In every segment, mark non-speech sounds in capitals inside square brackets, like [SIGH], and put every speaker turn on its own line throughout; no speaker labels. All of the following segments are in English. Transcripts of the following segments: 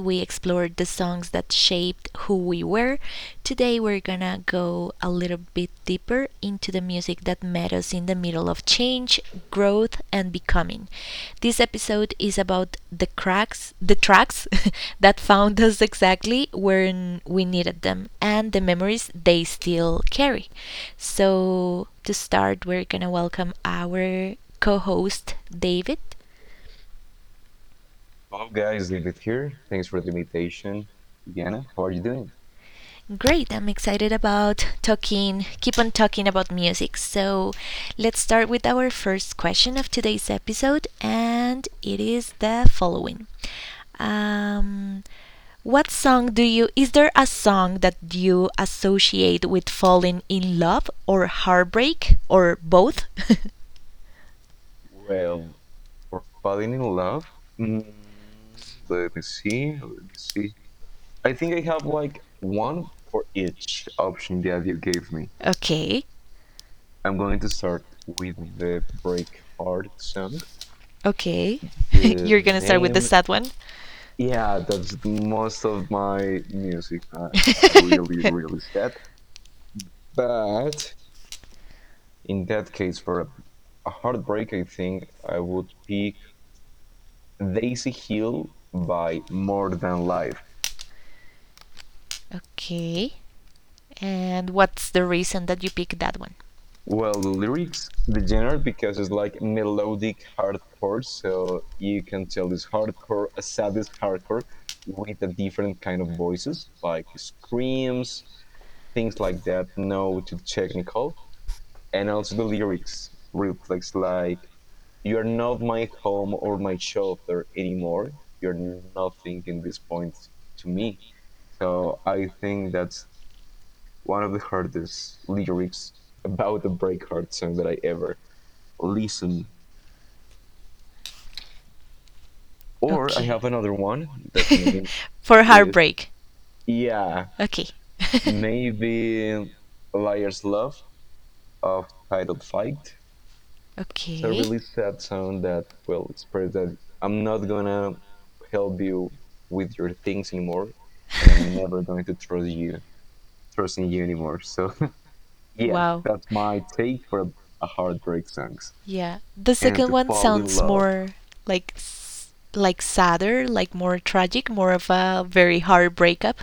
we explored the songs that shaped who we were. Today, we're gonna go a little bit deeper into the music that met us in the middle of change, growth, and becoming. This episode is about the cracks, the tracks [LAUGHS] that found us exactly when we needed them, and the memories they still carry. So, to start, we're gonna welcome our co host David.
Hello, guys. David here. Thanks for the invitation. Diana, how are you doing?
Great. I'm excited about keep on talking about music. So let's start with our first question of today's episode, and it is the following. Um, what song do you, Is there a song that you associate with falling in love or heartbreak or both? [LAUGHS]
Well, for falling in love, mm, let me see. Let me see. I think I have like one for each option that you gave me.
Okay.
I'm going to start with the Break Heart song.
Okay. [LAUGHS]
The
You're gonna start with the
name,
sad one?
yeah, that's most of my music. It's
[LAUGHS]
really, really sad. But in that case, for a heartbreak, I think I would pick Daisy Hill by More Than Life.
Okay. And what's the reason that you picked that one?
Well, the lyrics, the genre, because it's like melodic hardcore, so you can tell it's hardcore, a sadist hardcore with a different kind of voices, like screams, things like that, no too technical. And also the lyrics reflects like you're not my home or my shelter anymore. You're nothing in this point to me. So I think that's one of the hardest lyrics about a breakheart song that I ever listened. Or I
Okay.
have another one that is,
[LAUGHS] For heartbreak.
yeah,
Okay. [LAUGHS]
maybe Liar's Love of Titled Fight. It's a
Okay.
really sad song that will express that I'm not gonna help you with your things anymore, and I'm never going to trust you, trust in you anymore. So [LAUGHS] yeah,
Wow.
that's my take for a heartbreak songs
Yeah. The
and
second
to
one
fall in
sounds
love.
more like like sadder, like more tragic, more of a very hard breakup.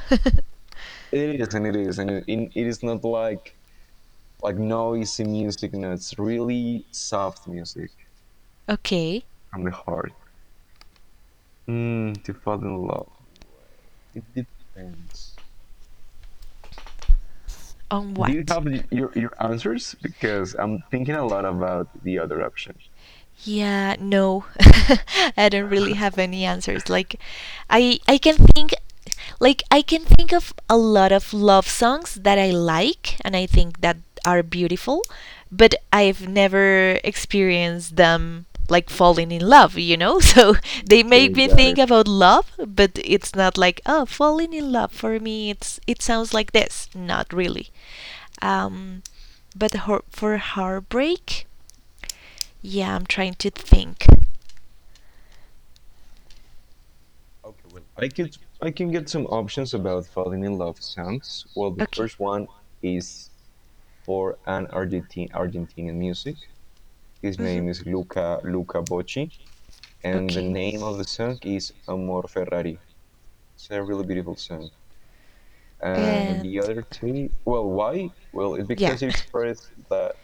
It is, and it is not like noisy music. No, it's really soft music
[LAUGHS] Okay.
from the heart. To fall in love, well, it depends.
On
Do you
what?
have your answers? Because I'm thinking a lot about the other option.
Yeah, no. [LAUGHS] I don't really have any answers. Like I I can think I can think of a lot of love songs that I like and I think that are beautiful, but I've never experienced them like falling in love, you know? [LAUGHS] So they
Okay,
make me
got
think
it.
about love, but it's not like, oh, falling in love for me it sounds like this. Not really. Um but for heartbreak, yeah, I'm trying to think. I
Okay, well, I can get some options about falling in love songs. Well, the first one is for an Argentine Argentinian music. His
Mhm.
name is Luca Bocci. And the
Okay.
name of the song is Amor Ferrari. It's a really beautiful song. And the
And
other two, well, why? Well, it's because
[LAUGHS]
it expresses that,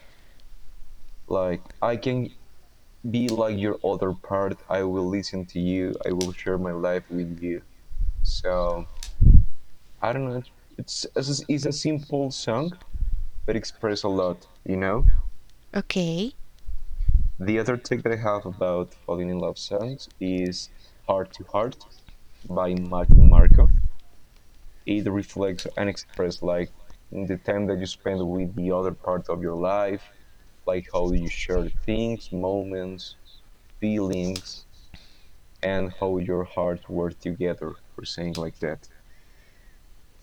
like, I can be like your other part. I will listen to you. I will share my life with you. So I don't know. It's a simple song, but express a lot. You know.
that. Okay.
The other take that I have about falling in love songs is "Heart to Heart" by Maggie Marco. It reflects and expresses like the time that you spend with the other part of your life, like how you share things, moments, feelings, and how your hearts work together, or saying like that.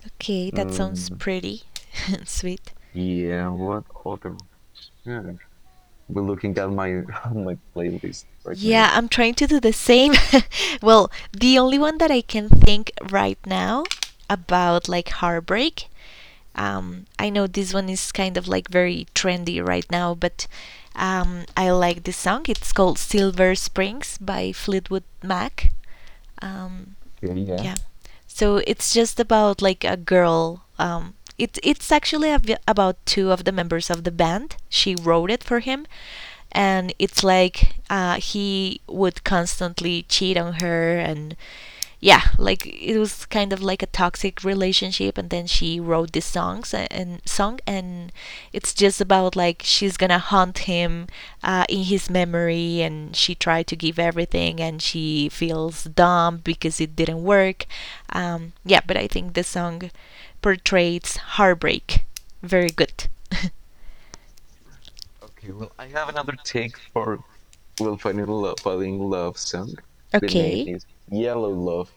Okay, that sounds
Mm,
pretty [LAUGHS] and sweet.
yeah, what other? Sure. We're looking at my [LAUGHS] my playlist right now.
Yeah, I'm trying to do the same. [LAUGHS] Well, the only one that I can think right now about like heartbreak. I know this one is kind of like very trendy right now, but I like this song. It's called Silver Springs by Fleetwood Mac. Um,
Okay, yeah.
yeah, so it's just about like a girl it's actually about two of the members of the band. She wrote it for him, and it's like he would constantly cheat on her, and yeah, like it was kind of like a toxic relationship. And then she wrote this songs and song, and it's just about like she's gonna haunt him in his memory, and she tried to give everything, and she feels dumb because it didn't work. Yeah, but I think the song portrays heartbreak very good.
Okay, well, I have another take for, well, Falling in Love, Falling in
[LAUGHS]
Love song. The name
Okay.
is Yellow Love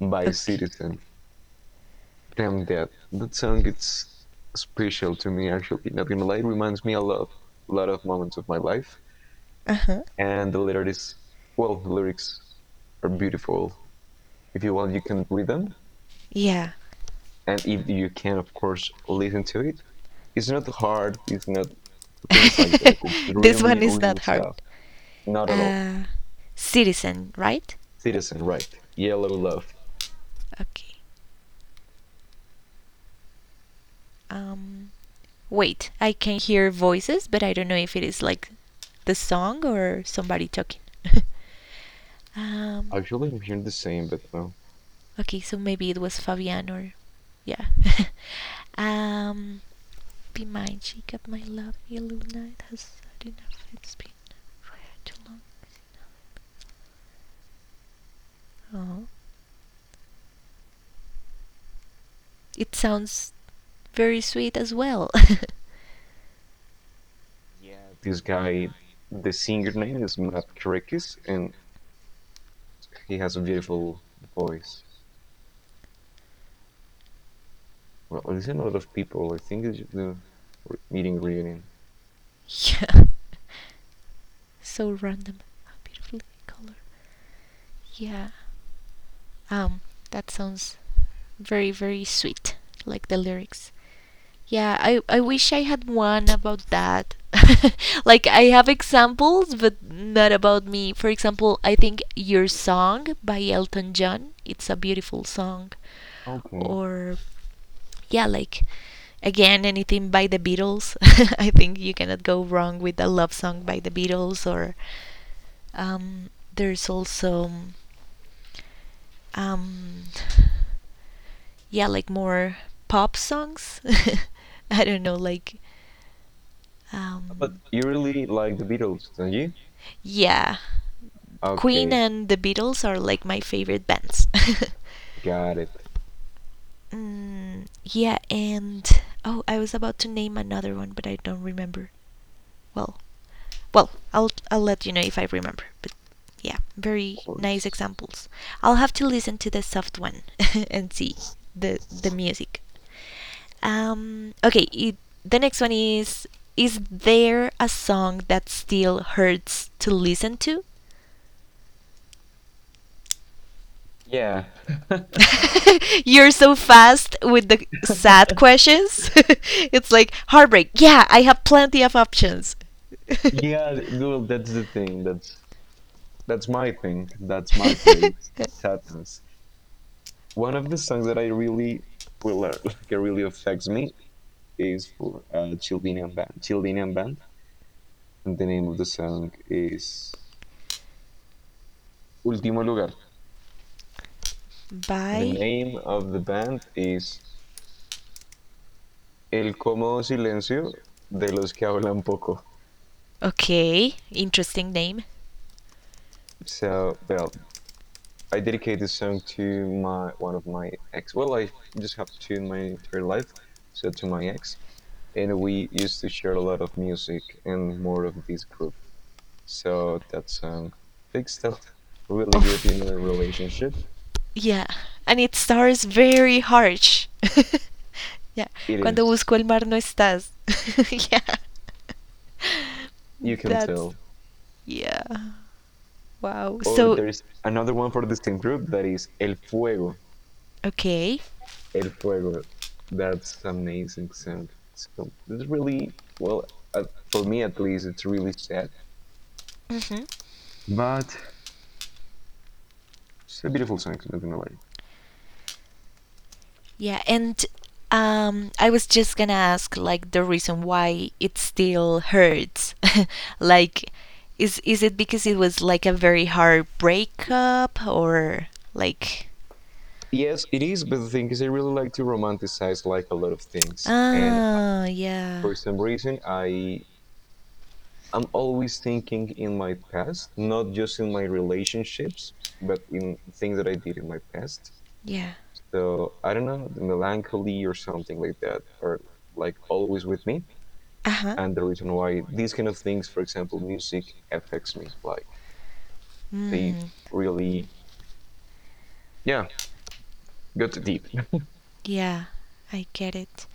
by
Okay.
Citizen. Damn, that song is special to me, actually. Not gonna lie, it reminds me a lot of moments of my life.
Uh-huh.
And the lyrics, well, the lyrics are beautiful. If you want, you can read them,
Yeah.
and if you can, of course, listen to it. It's not hard. It's not things like
[LAUGHS]
that. It's
This
really,
one is not
really
hard.
soft. Not at all.
uh, Citizen, right?
Citizen, right? Yellow Love.
Okay. Um, Wait, I can hear voices, but I don't know if it is like the song or somebody talking. [LAUGHS] um,
Actually, I'm hearing the same, but no.
okay, so maybe it was Fabian or yeah. [LAUGHS] um, be mine, she got my love, yellow night has had enough. It's been far too long. Oh, it sounds very sweet as well.
Yeah, this guy, the singer name is Matt Krekis, and he has a beautiful voice. Well, there's a lot of people. I think it's the meeting reunion.
[LAUGHS] Yeah. So random how beautifully color, yeah. um that sounds very, very sweet, like the lyrics. Yeah, I wish I had one about that. [LAUGHS] Like I have examples, but not about me. For example, I think Your Song by Elton John, it's a beautiful song.
Okay.
Or yeah, like again, anything by the Beatles. [LAUGHS] I think you cannot go wrong with a love song by the Beatles, or um there's also um yeah, like more pop songs. [LAUGHS] I don't know, like
But
um,
you really like the Beatles, don't you?
yeah, Queen
Okay,
and the Beatles are like my favorite bands. [LAUGHS]
got it.
Yeah. And oh, I was about to name another one, but I don't remember. Well, well, I'll let you know if I remember. But yeah, very
Of
nice
course.
examples. I'll have to listen to the soft one [LAUGHS] and see the music. Um, okay, it, the next one is there a song that still hurts to listen to?
Yeah. [LAUGHS]
[LAUGHS] You're so fast with the sad questions. [LAUGHS] It's like heartbreak. Yeah, I have plenty of options. [LAUGHS]
Yeah, well, that's the thing. That's my thing. That's my place. Sadness. One of the songs that I really will learn, [LAUGHS] like. It really affects me is for Childinian band. Childinian band, and the name of the song is Último Lugar. The
Bye.
name of the band is El Cómodo Silencio de los que hablan poco.
Okay, interesting name. Oh
So, well, I dedicate this song to my one of my ex. Well, I just have two in my entire life, so to my ex, and we used to share a lot of music and more of this group. So that song fixed up [LAUGHS] really good in a relationship.
yeah, and it starts very harsh. [LAUGHS] Yeah,
It
cuando
is,
busco el mar no estás. [LAUGHS] Yeah,
you can
that's
tell.
so. Yeah. Wow.
Or
So,
there's another one for the same group that is El Fuego.
okay.
El Fuego. That's amazing sound. It's really, well, uh, for me at least, it's really sad.
hmm
But it's a beautiful song, not gonna lie.
Yeah. And I was just gonna ask, like, the reason why it still hurts. [LAUGHS] Like, is it because it was like a very hard breakup, or like,
Yes, it is, but the thing is, I really like to romanticize like a lot of things. And
yeah.
for some reason, I'm always thinking in my past, not just in my relationships, but in things that I did in my past.
Yeah.
So I don't know, the melancholy or something like that are like always with me.
Uh huh.
And the reason why these kind of things, for example, music affects me. Like they
Hmm.
really, yeah, got deep.
Yeah, I get it.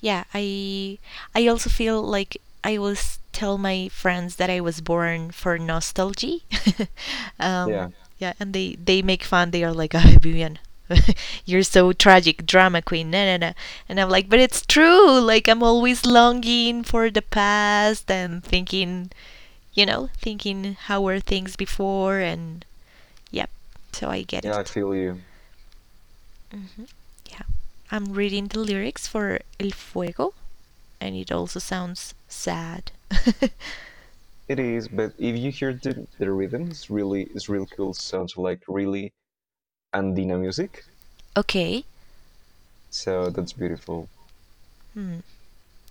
Yeah, I also feel like I always tell my friends that I was born for nostalgia. [LAUGHS]
[LAUGHS] Yeah,
um, yeah, and they make fun. They are like, "Ah, Vivian, [LAUGHS] you're so tragic, drama queen." No, no, no. And I'm like, but it's true. Like I'm always longing for the past and thinking how were things before, and yep. So I get
yeah, I
it.
feel you.
Mhm. Yeah. I'm reading the lyrics for El Fuego, and it also sounds sad. [LAUGHS]
It is, but if you hear the rhythm, it's really cool. Sounds like really Andina music.
Okay.
So that's beautiful.
Hmm.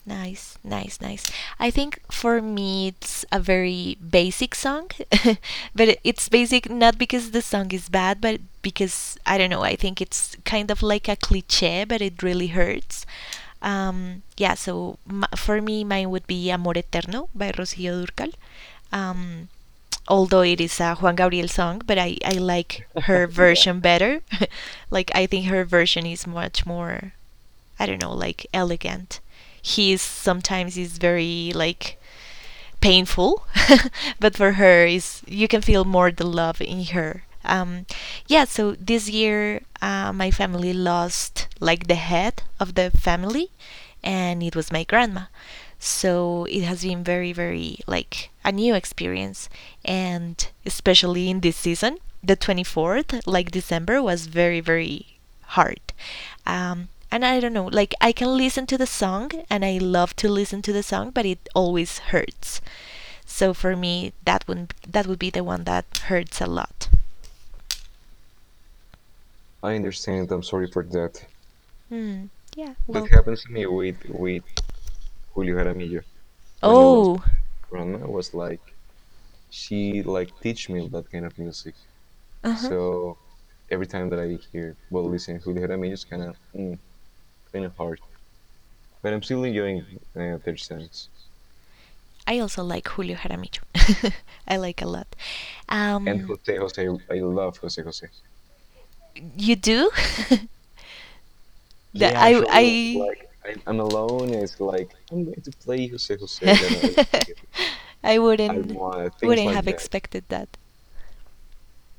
Nice, nice, nice. I think for me it's a very basic song, [LAUGHS] but it's basic not because the song is bad, but because I don't know, I think it's kind of like a cliche, but it really hurts. Yeah, so for me, mine would be Amor Eterno by Rocío Durcal. Um, although it is
Amazing.
a Juan Gabriel song, but I like her
Yeah,
version better. [LAUGHS] Like, I think her version is much more, I don't know, like elegant. He is sometimes is very like painful, [LAUGHS] but for her is you can feel more the love in her. Yeah, so this year my family lost like the head of the family, and it was my grandma. So it has been very, very like a new experience, and especially in this season, the 24th, like December, was very, very heart. And I don't know, like I can listen to the song and I love to listen to the song, but it always hurts. So for me, that would be the one that hurts a lot.
I understand. I'm sorry for that.
Hmm. Yeah.
That
Well.
happens to me with Julio Jaramillo when he lost
Oh.
grandma. Was like she like teach me that kind of music.
Uh huh.
So every time that I hear, well, listen, Julio Jaramillo is kind of kind of hard, but I'm still enjoying their songs.
I also like Julio Jaramillo. [LAUGHS] I like a lot.
And
Um,
Jose Jose, I love Jose Jose.
You do? [LAUGHS] That
Yeah,
I
actually, when,
I
like I'm alone, it's like I'm going to play Jose Jose, Leno El Tigre,
[LAUGHS] I wouldn't
Almohada, things
wouldn't have
like that.
expected that.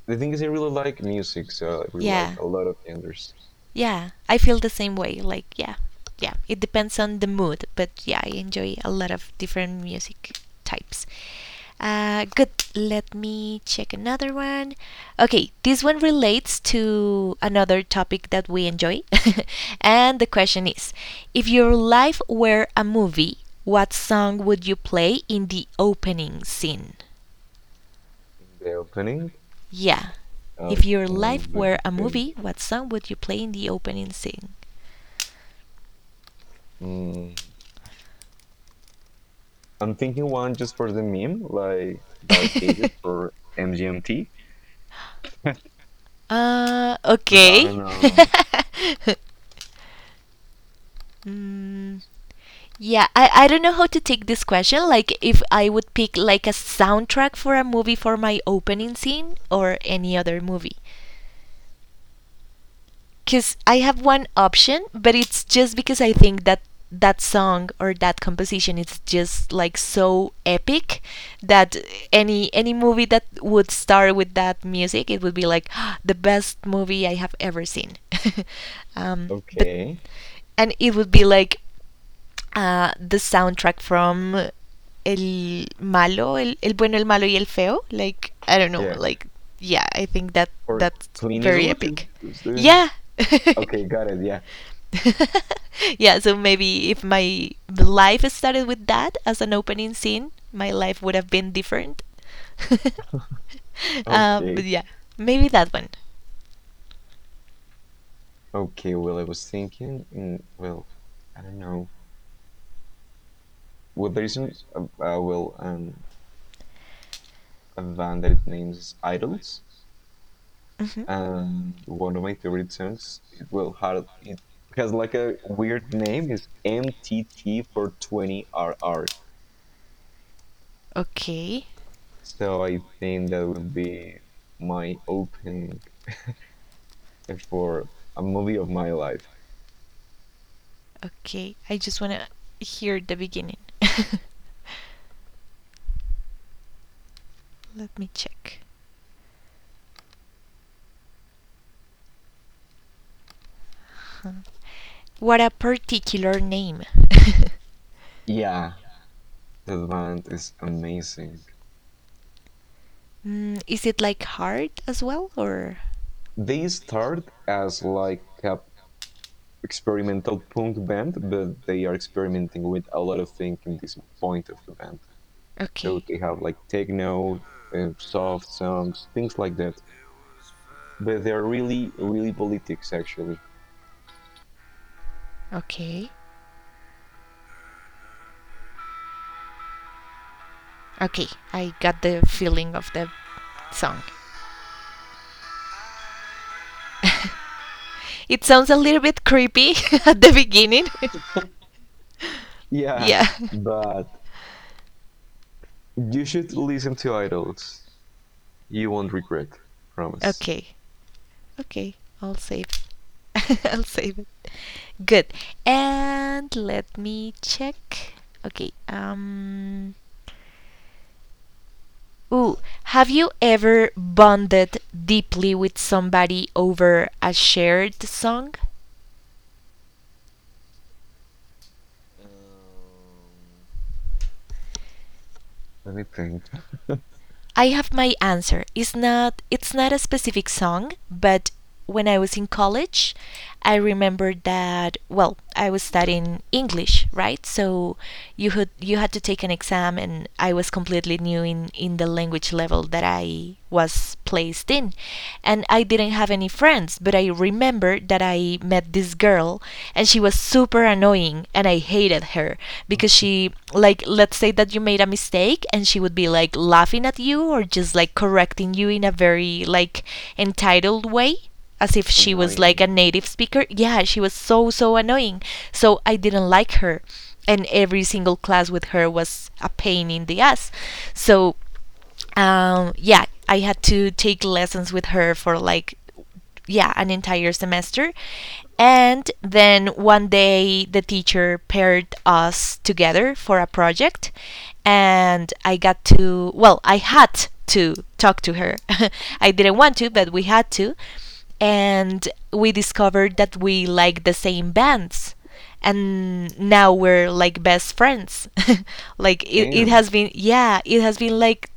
The thing is, I really like music, so I really like
Yeah.
a lot of genres.
Yeah, I feel the same way. Like, yeah, yeah, it depends on the mood, but yeah, I enjoy a lot of different music types. Good, let me check another one. Okay, this one relates to another topic that we enjoy. [LAUGHS] And the question is, if your life were a movie, what song would you play in the opening scene?
In the opening,
Yeah.
uh,
If your life
let
were
me
a
think.
movie, what song would you play in the opening scene?
Mm, I'm thinking one just for the meme, like Dark Ages
[LAUGHS]
for MGMT. [LAUGHS] But I
Okay.
don't know.
[LAUGHS] mm, yeah, I don't know how to take this question. Like, if I would pick like a soundtrack for a movie for my opening scene or any other movie. Because I have one option, but it's just because I think that that song or that composition is just like so epic that any movie that would start with that music, it would be like [GASPS] the best movie I have ever seen. [LAUGHS] um, but
Okay.
and it would be like the soundtrack from El Malo, El Bueno, El Malo y El Feo. Like, I don't know,
Yeah.
like, yeah, I think that
Or
that's
clean is
very
what is,
epic.
is the.
Yeah. [LAUGHS]
Okay, got it. Yeah.
[LAUGHS] Yeah, so maybe if my life started with that as an opening scene, my life would have been different. [LAUGHS] But
Okay.
yeah, maybe that one.
Okay. Well, I was thinking. In, well, I don't know. Well, there isn't. A, well, a band that it names Idols,
hmm
and one of my favorite songs. It will have it has like a weird name. Is MTT for 20 R R.
Okay.
So I think that would be my opening for a movie of my life.
Okay, I just want to hear the beginning. [LAUGHS] Let me check. Huh. What a particular name. [LAUGHS]
Yeah, the band is amazing.
Is it like hard as well, or
They start as like a experimental punk band, but they are experimenting with a lot of things in this point of the band. So
okay,
they have like techno, and soft songs, things like that. But they're really, really politics actually.
okay. Okay, I got the feeling of the song. [LAUGHS] It sounds a little bit creepy [LAUGHS] at the beginning. [LAUGHS]
Yeah,
Yeah.
but you should listen to Idols. You won't regret, promise.
Okay. Okay. I'll save. [LAUGHS] I'll save it. Good. And let me check. Okay. Ooh, have you ever bonded deeply with somebody over a shared song?
Um, Let me think.
I have my answer. It's not a specific song, but when I was in college, I remember that, well, I was studying English, right? So you had to take an exam, and I was completely new in the language level that I was placed in, and I didn't have any friends. But I remember that I met this girl, and she was super annoying, and I hated her because she, like, let's say that you made a mistake, and she would be like laughing at you or just like correcting you in a very like entitled way, as if she was like a
Annoying.
native speaker. Yeah, she was so so annoying. So I didn't like her, and every single class with her was a pain in the ass. So yeah, I had to take lessons with her for, like, yeah, an entire semester. And then one day the teacher paired us together for a project, and I got to, well, I had to talk to her. [LAUGHS] I didn't want to,
Oh,
but we had to. And we discovered that we like the same bands, and now we're like best friends. [LAUGHS] Like it
damn.
has been, yeah, it has been like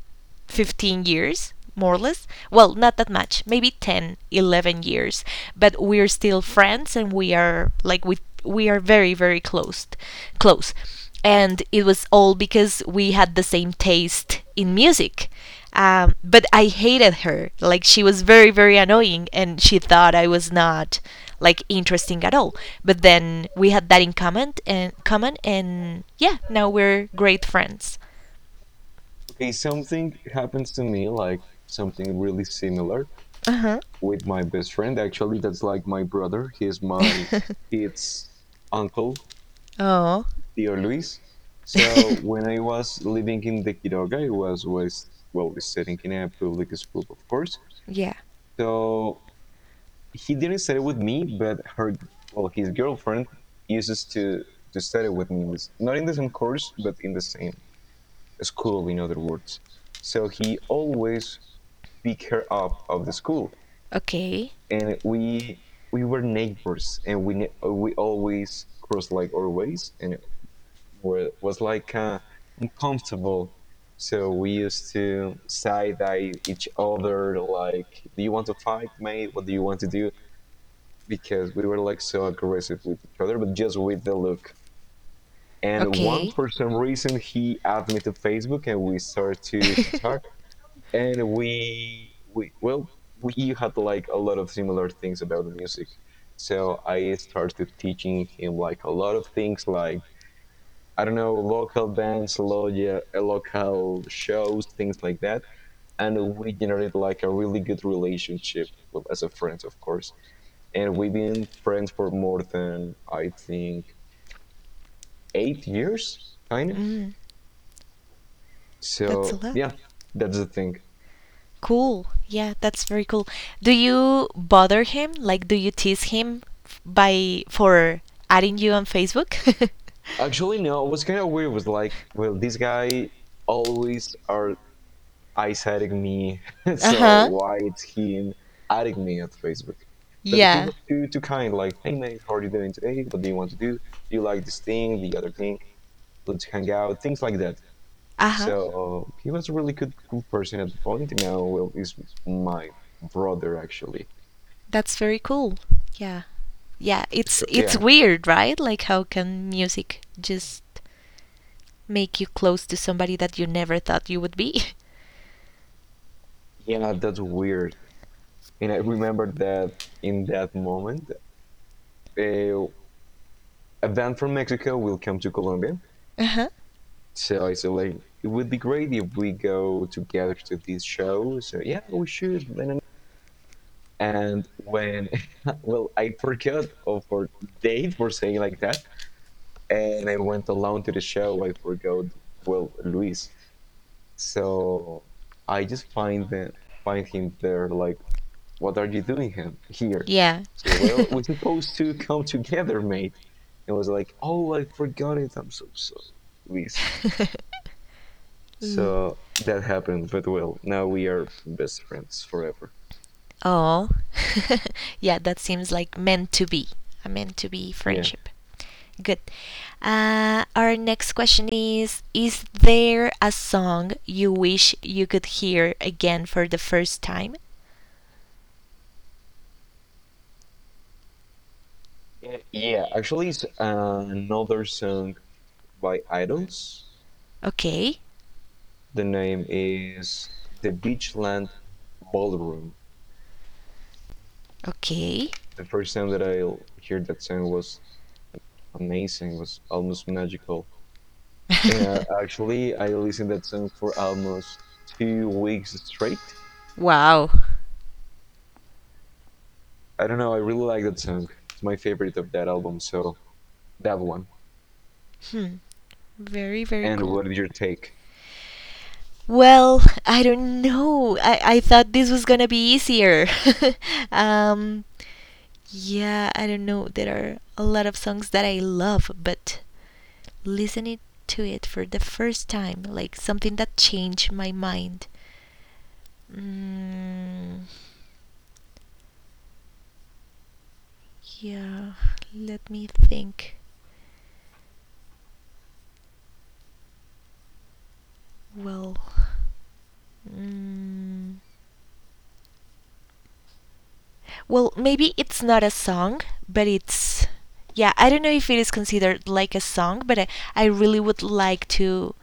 15 years, more or less. Well, not that much, maybe 10, 11 years, but we're still friends, and we are like we are very close, close and it was all because we had the same taste in music. But I hated her, like she was very very annoying, and she thought I was not like interesting at all. But then we had that in common and yeah, now we're great friends.
Okay, something happens to me, like something really similar
Uh-huh.
with my best friend. Actually, that's like my brother. He's my
[LAUGHS]
it's uncle,
Oh.
Tio Luis. So
[LAUGHS]
when I was living in the Quiroga, I was well, studying in a public school, of course.
Yeah.
So he didn't study with me, but her well, his girlfriend uses to study with me in this, not in the same course, but in the same school, in other words. So he always pick her up of the school,
Okay.
and we were neighbors, and we always crossed like our ways, and it was like uncomfortable. So we used to side eye each other, like, "Do you want to fight, mate? What do you want to do?" Because we were like so aggressive with each other, but just with the look. And once,
Okay.
for some reason, he added me to Facebook, and we started to
[LAUGHS]
talk, and we had like a lot of similar things about the music. So I started teaching him like a lot of things, like I don't know, local bands, local shows, things like that. And we generated like a really good relationship, well, as a friend, of course. And we've been friends for more than I think 8 years, kind of.
Mm. That's a
So
lot.
yeah, that's the thing.
Cool. Yeah, that's very cool. Do you bother him? Like, do you tease him by for adding you on Facebook? [LAUGHS]
Actually, no. What's kind of weird was, like, well, this guy always are eyes adding me, [LAUGHS]
Uh
so
huh.
why it's him adding me at Facebook? But he
Yeah.
was too kind. Like, hey man, how are you doing today? What do you want to do? Do you like this thing? The other thing? Let's hang out. Things like that.
Uh huh.
So he was a really good cool person at the point. Now, well, he's my brother, actually.
That's very cool. Yeah. Yeah, it's
So,
it's
yeah,
weird, right? Like, how can music just make you close to somebody that you never thought you would be? [LAUGHS]
yeah, that's weird. And I remember that in that moment, uh, a band from Mexico will come to Colombia.
Uh-huh.
So I said, like, it would be great if we go together to this show. So yeah, we should. And when, [LAUGHS] well, I forgot of our date for saying like that, and I went alone to the show. I forgot, well, Luis. So I just find find him there. Like, what are you doing him here?
Yeah.
So well,
[LAUGHS]
we're supposed to come together, mate. And I was like, oh, I forgot it. I'm so sorry, Luis.
Mm.
So that happened, but well, now we are best friends forever.
Oh, [LAUGHS] yeah, that seems like meant to be a meant to be
Yeah.
friendship. Good. Our next question is is there a song you wish you could hear again for the first time?
Yeah, yeah, actually, it's another song by Idols.
Okay,
The name is The Beachland Ballroom.
okay.
The first time that I heard that song was amazing, was almost magical. And
[LAUGHS]
uh, actually, I listened that song for almost 2 weeks straight.
Wow.
I don't know, I really like that song. It's my favorite of that album, so that one.
Hmm. Very, very
And
cool.
what is your take?
Well, I don't know. I thought this was gonna be easier. [LAUGHS] um, yeah, I don't know. There are a lot of songs that I love, but listening to it for the first time, like something that changed my mind. Mm, yeah, let me think. Well, mm, well, maybe it's not a song, but it's. Yeah, I don't know if it is considered like a song, but I really would like to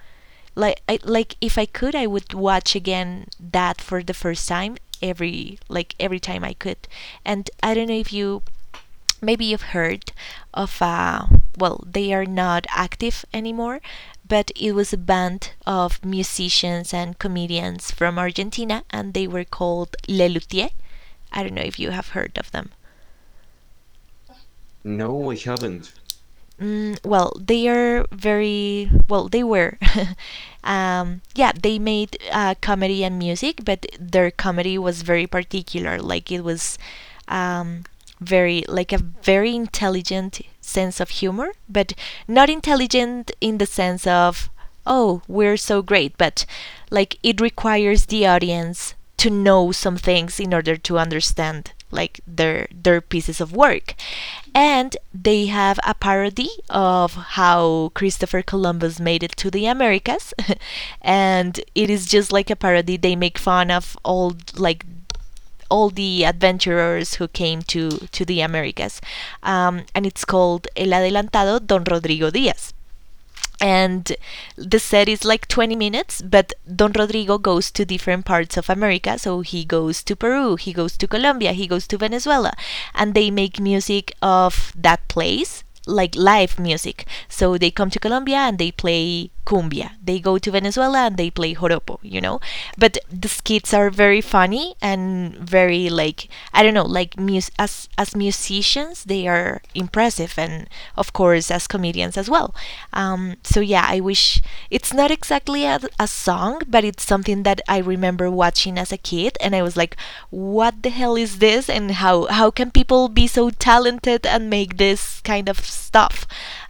like like if I could, I would watch again that for the first time every like every time I could. And I don't know if you maybe you've heard of well, they are not active anymore, but it was a band of musicians and comedians from Argentina, and they were called Le Luthier. I don't know if you have heard of them.
No, I haven't.
Mm, well, they are very well. They were, [LAUGHS] yeah. They made comedy and music, but their comedy was very particular. Like, it was um, very like a very intelligent sense of humor, but not intelligent in the sense of oh, we're so great, but like it requires the audience to know some things in order to understand like their pieces of work, and they have a parody of how Christopher Columbus made it to the Americas [LAUGHS] and it is just like a parody. They make fun of all like all the adventurers who came to the Americas. And it's called El Adelantado Don Rodrigo Diaz, and the set is like 20 minutes, but Don Rodrigo goes to different parts of America. So he goes to Peru, he goes to Colombia, he goes to Venezuela, and they make music of that place, like live music. So they come to Colombia and they play cumbia, they go to Venezuela and they play joropo, you know, but the skits are very funny and very like, I don't know, like as musicians they are impressive, and of course as comedians as well. So yeah, I wish it's not exactly a song, but it's something that I remember watching as a kid, and I was like, what the hell is this? And how can people be so talented and make this kind of stuff?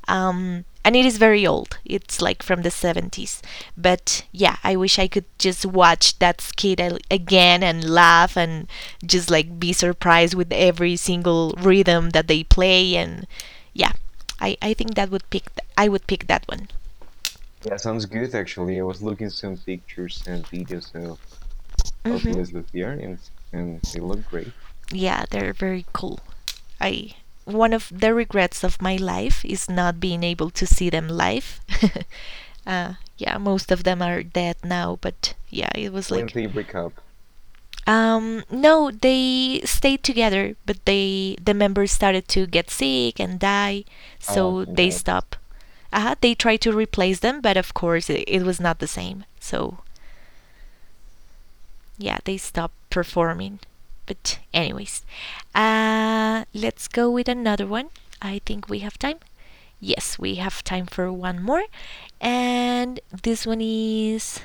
And it is very old. It's like from the 70s. But yeah, I wish I could just watch that skit again and laugh and just like be surprised with every single rhythm that they play. And yeah, I think that would I would pick that one.
Yeah, sounds good actually. I was looking some pictures and videos of
Hmm.
Elizabeth Beer, and they look great.
Yeah, they're very cool. I one of the regrets of my life is not being able to see them live. [LAUGHS] Yeah, most of them are dead now, but yeah, it was
When
like
they break up.
No, they stayed together, but the members started to get sick and die,
Ah,
so they
okay.
stopped. They tried to replace them, but of course it was not the same. So yeah, they stopped performing. But anyways, let's go with another one. I think we have time. Yes, we have time for one more, and this one is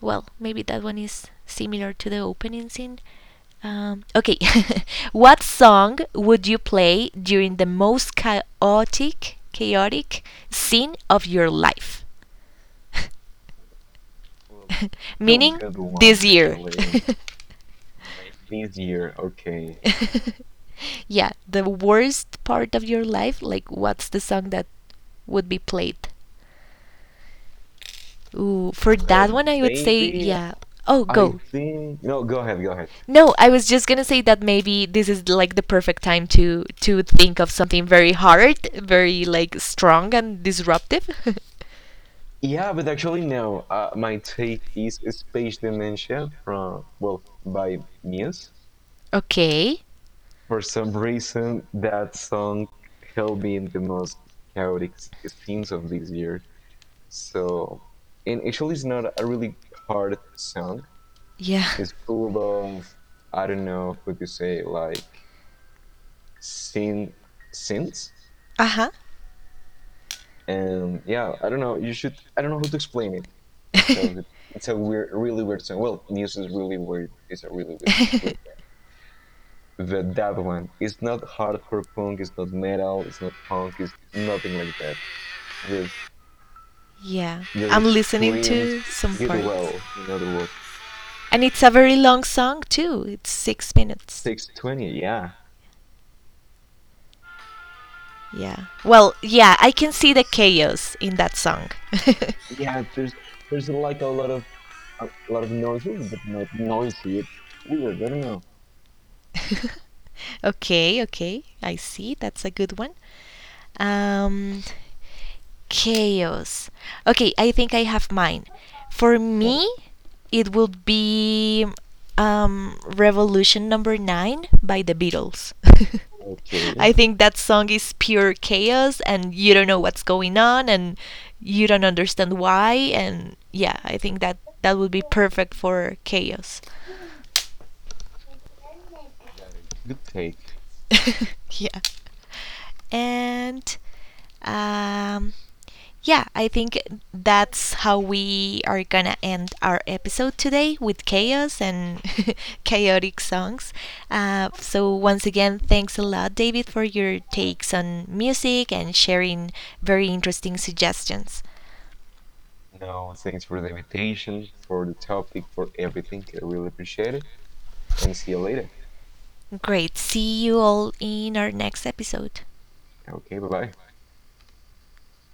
well, maybe that one is similar to the opening scene. Okay, [LAUGHS] what song would you play during the most chaotic scene of your life? [LAUGHS]
Well, that's a
Meaning
good one
this year. [LAUGHS]
actually. May this year, okay.
[LAUGHS] Yeah, the worst part of your life. Like, what's the song that would be played? Ooh, for that
Well,
one, I would say,
maybe,
yeah. Oh,
I
go.
think, no, go ahead, go ahead.
No, I was just gonna say that maybe this is like the perfect time to think of something very hard, very like strong and disruptive.
Yeah, but actually no. My take is Space Dementia from, well, by Muse.
[LAUGHS] Okay.
For some reason, that song held me in the most chaotic scenes of this year. So, and actually, it's not a really hard song.
Yeah.
It's full of, I don't know, what you say, like sin, sins.
Uh huh.
And yeah, I don't know. You should, I don't know how to explain it because it's a weird, really weird song. Well, news is really weird. It's a really weird,
[LAUGHS]
weird that one. It's not hardcore punk, it's not metal, it's not punk, it's nothing like that. Just,
Yeah,
you
I'm
just
listening
Koreans
to some
get
parts.
well. In other words,
And it's a very long song too. It's 6 minutes.
six twenty. Yeah,
Yeah. Well, yeah, I can see the chaos in that song.
yeah. There's like a lot of noisy, but not noisy. It's weird. I don't know.
[LAUGHS] Okay, okay. I see. That's a good one. Um, Chaos. Okay, I think I have mine. For
Right.
me, it would be Revolution #9 by the Beatles. [LAUGHS] I
Okay.
think that song is pure chaos, and you don't know what's going on, and you don't understand why, and yeah, I think that would be perfect for chaos.
Good take.
[LAUGHS] Yeah. And um, yeah, I think that's how we are gonna end our episode today, with chaos and [LAUGHS] chaotic songs. Once again, thanks a lot, David, for your takes on music and sharing very interesting suggestions.
No, thanks for the invitation, for the topic, for everything. I really appreciate it. And see you later.
Great. See you all in our next episode.
Okay. Bye bye.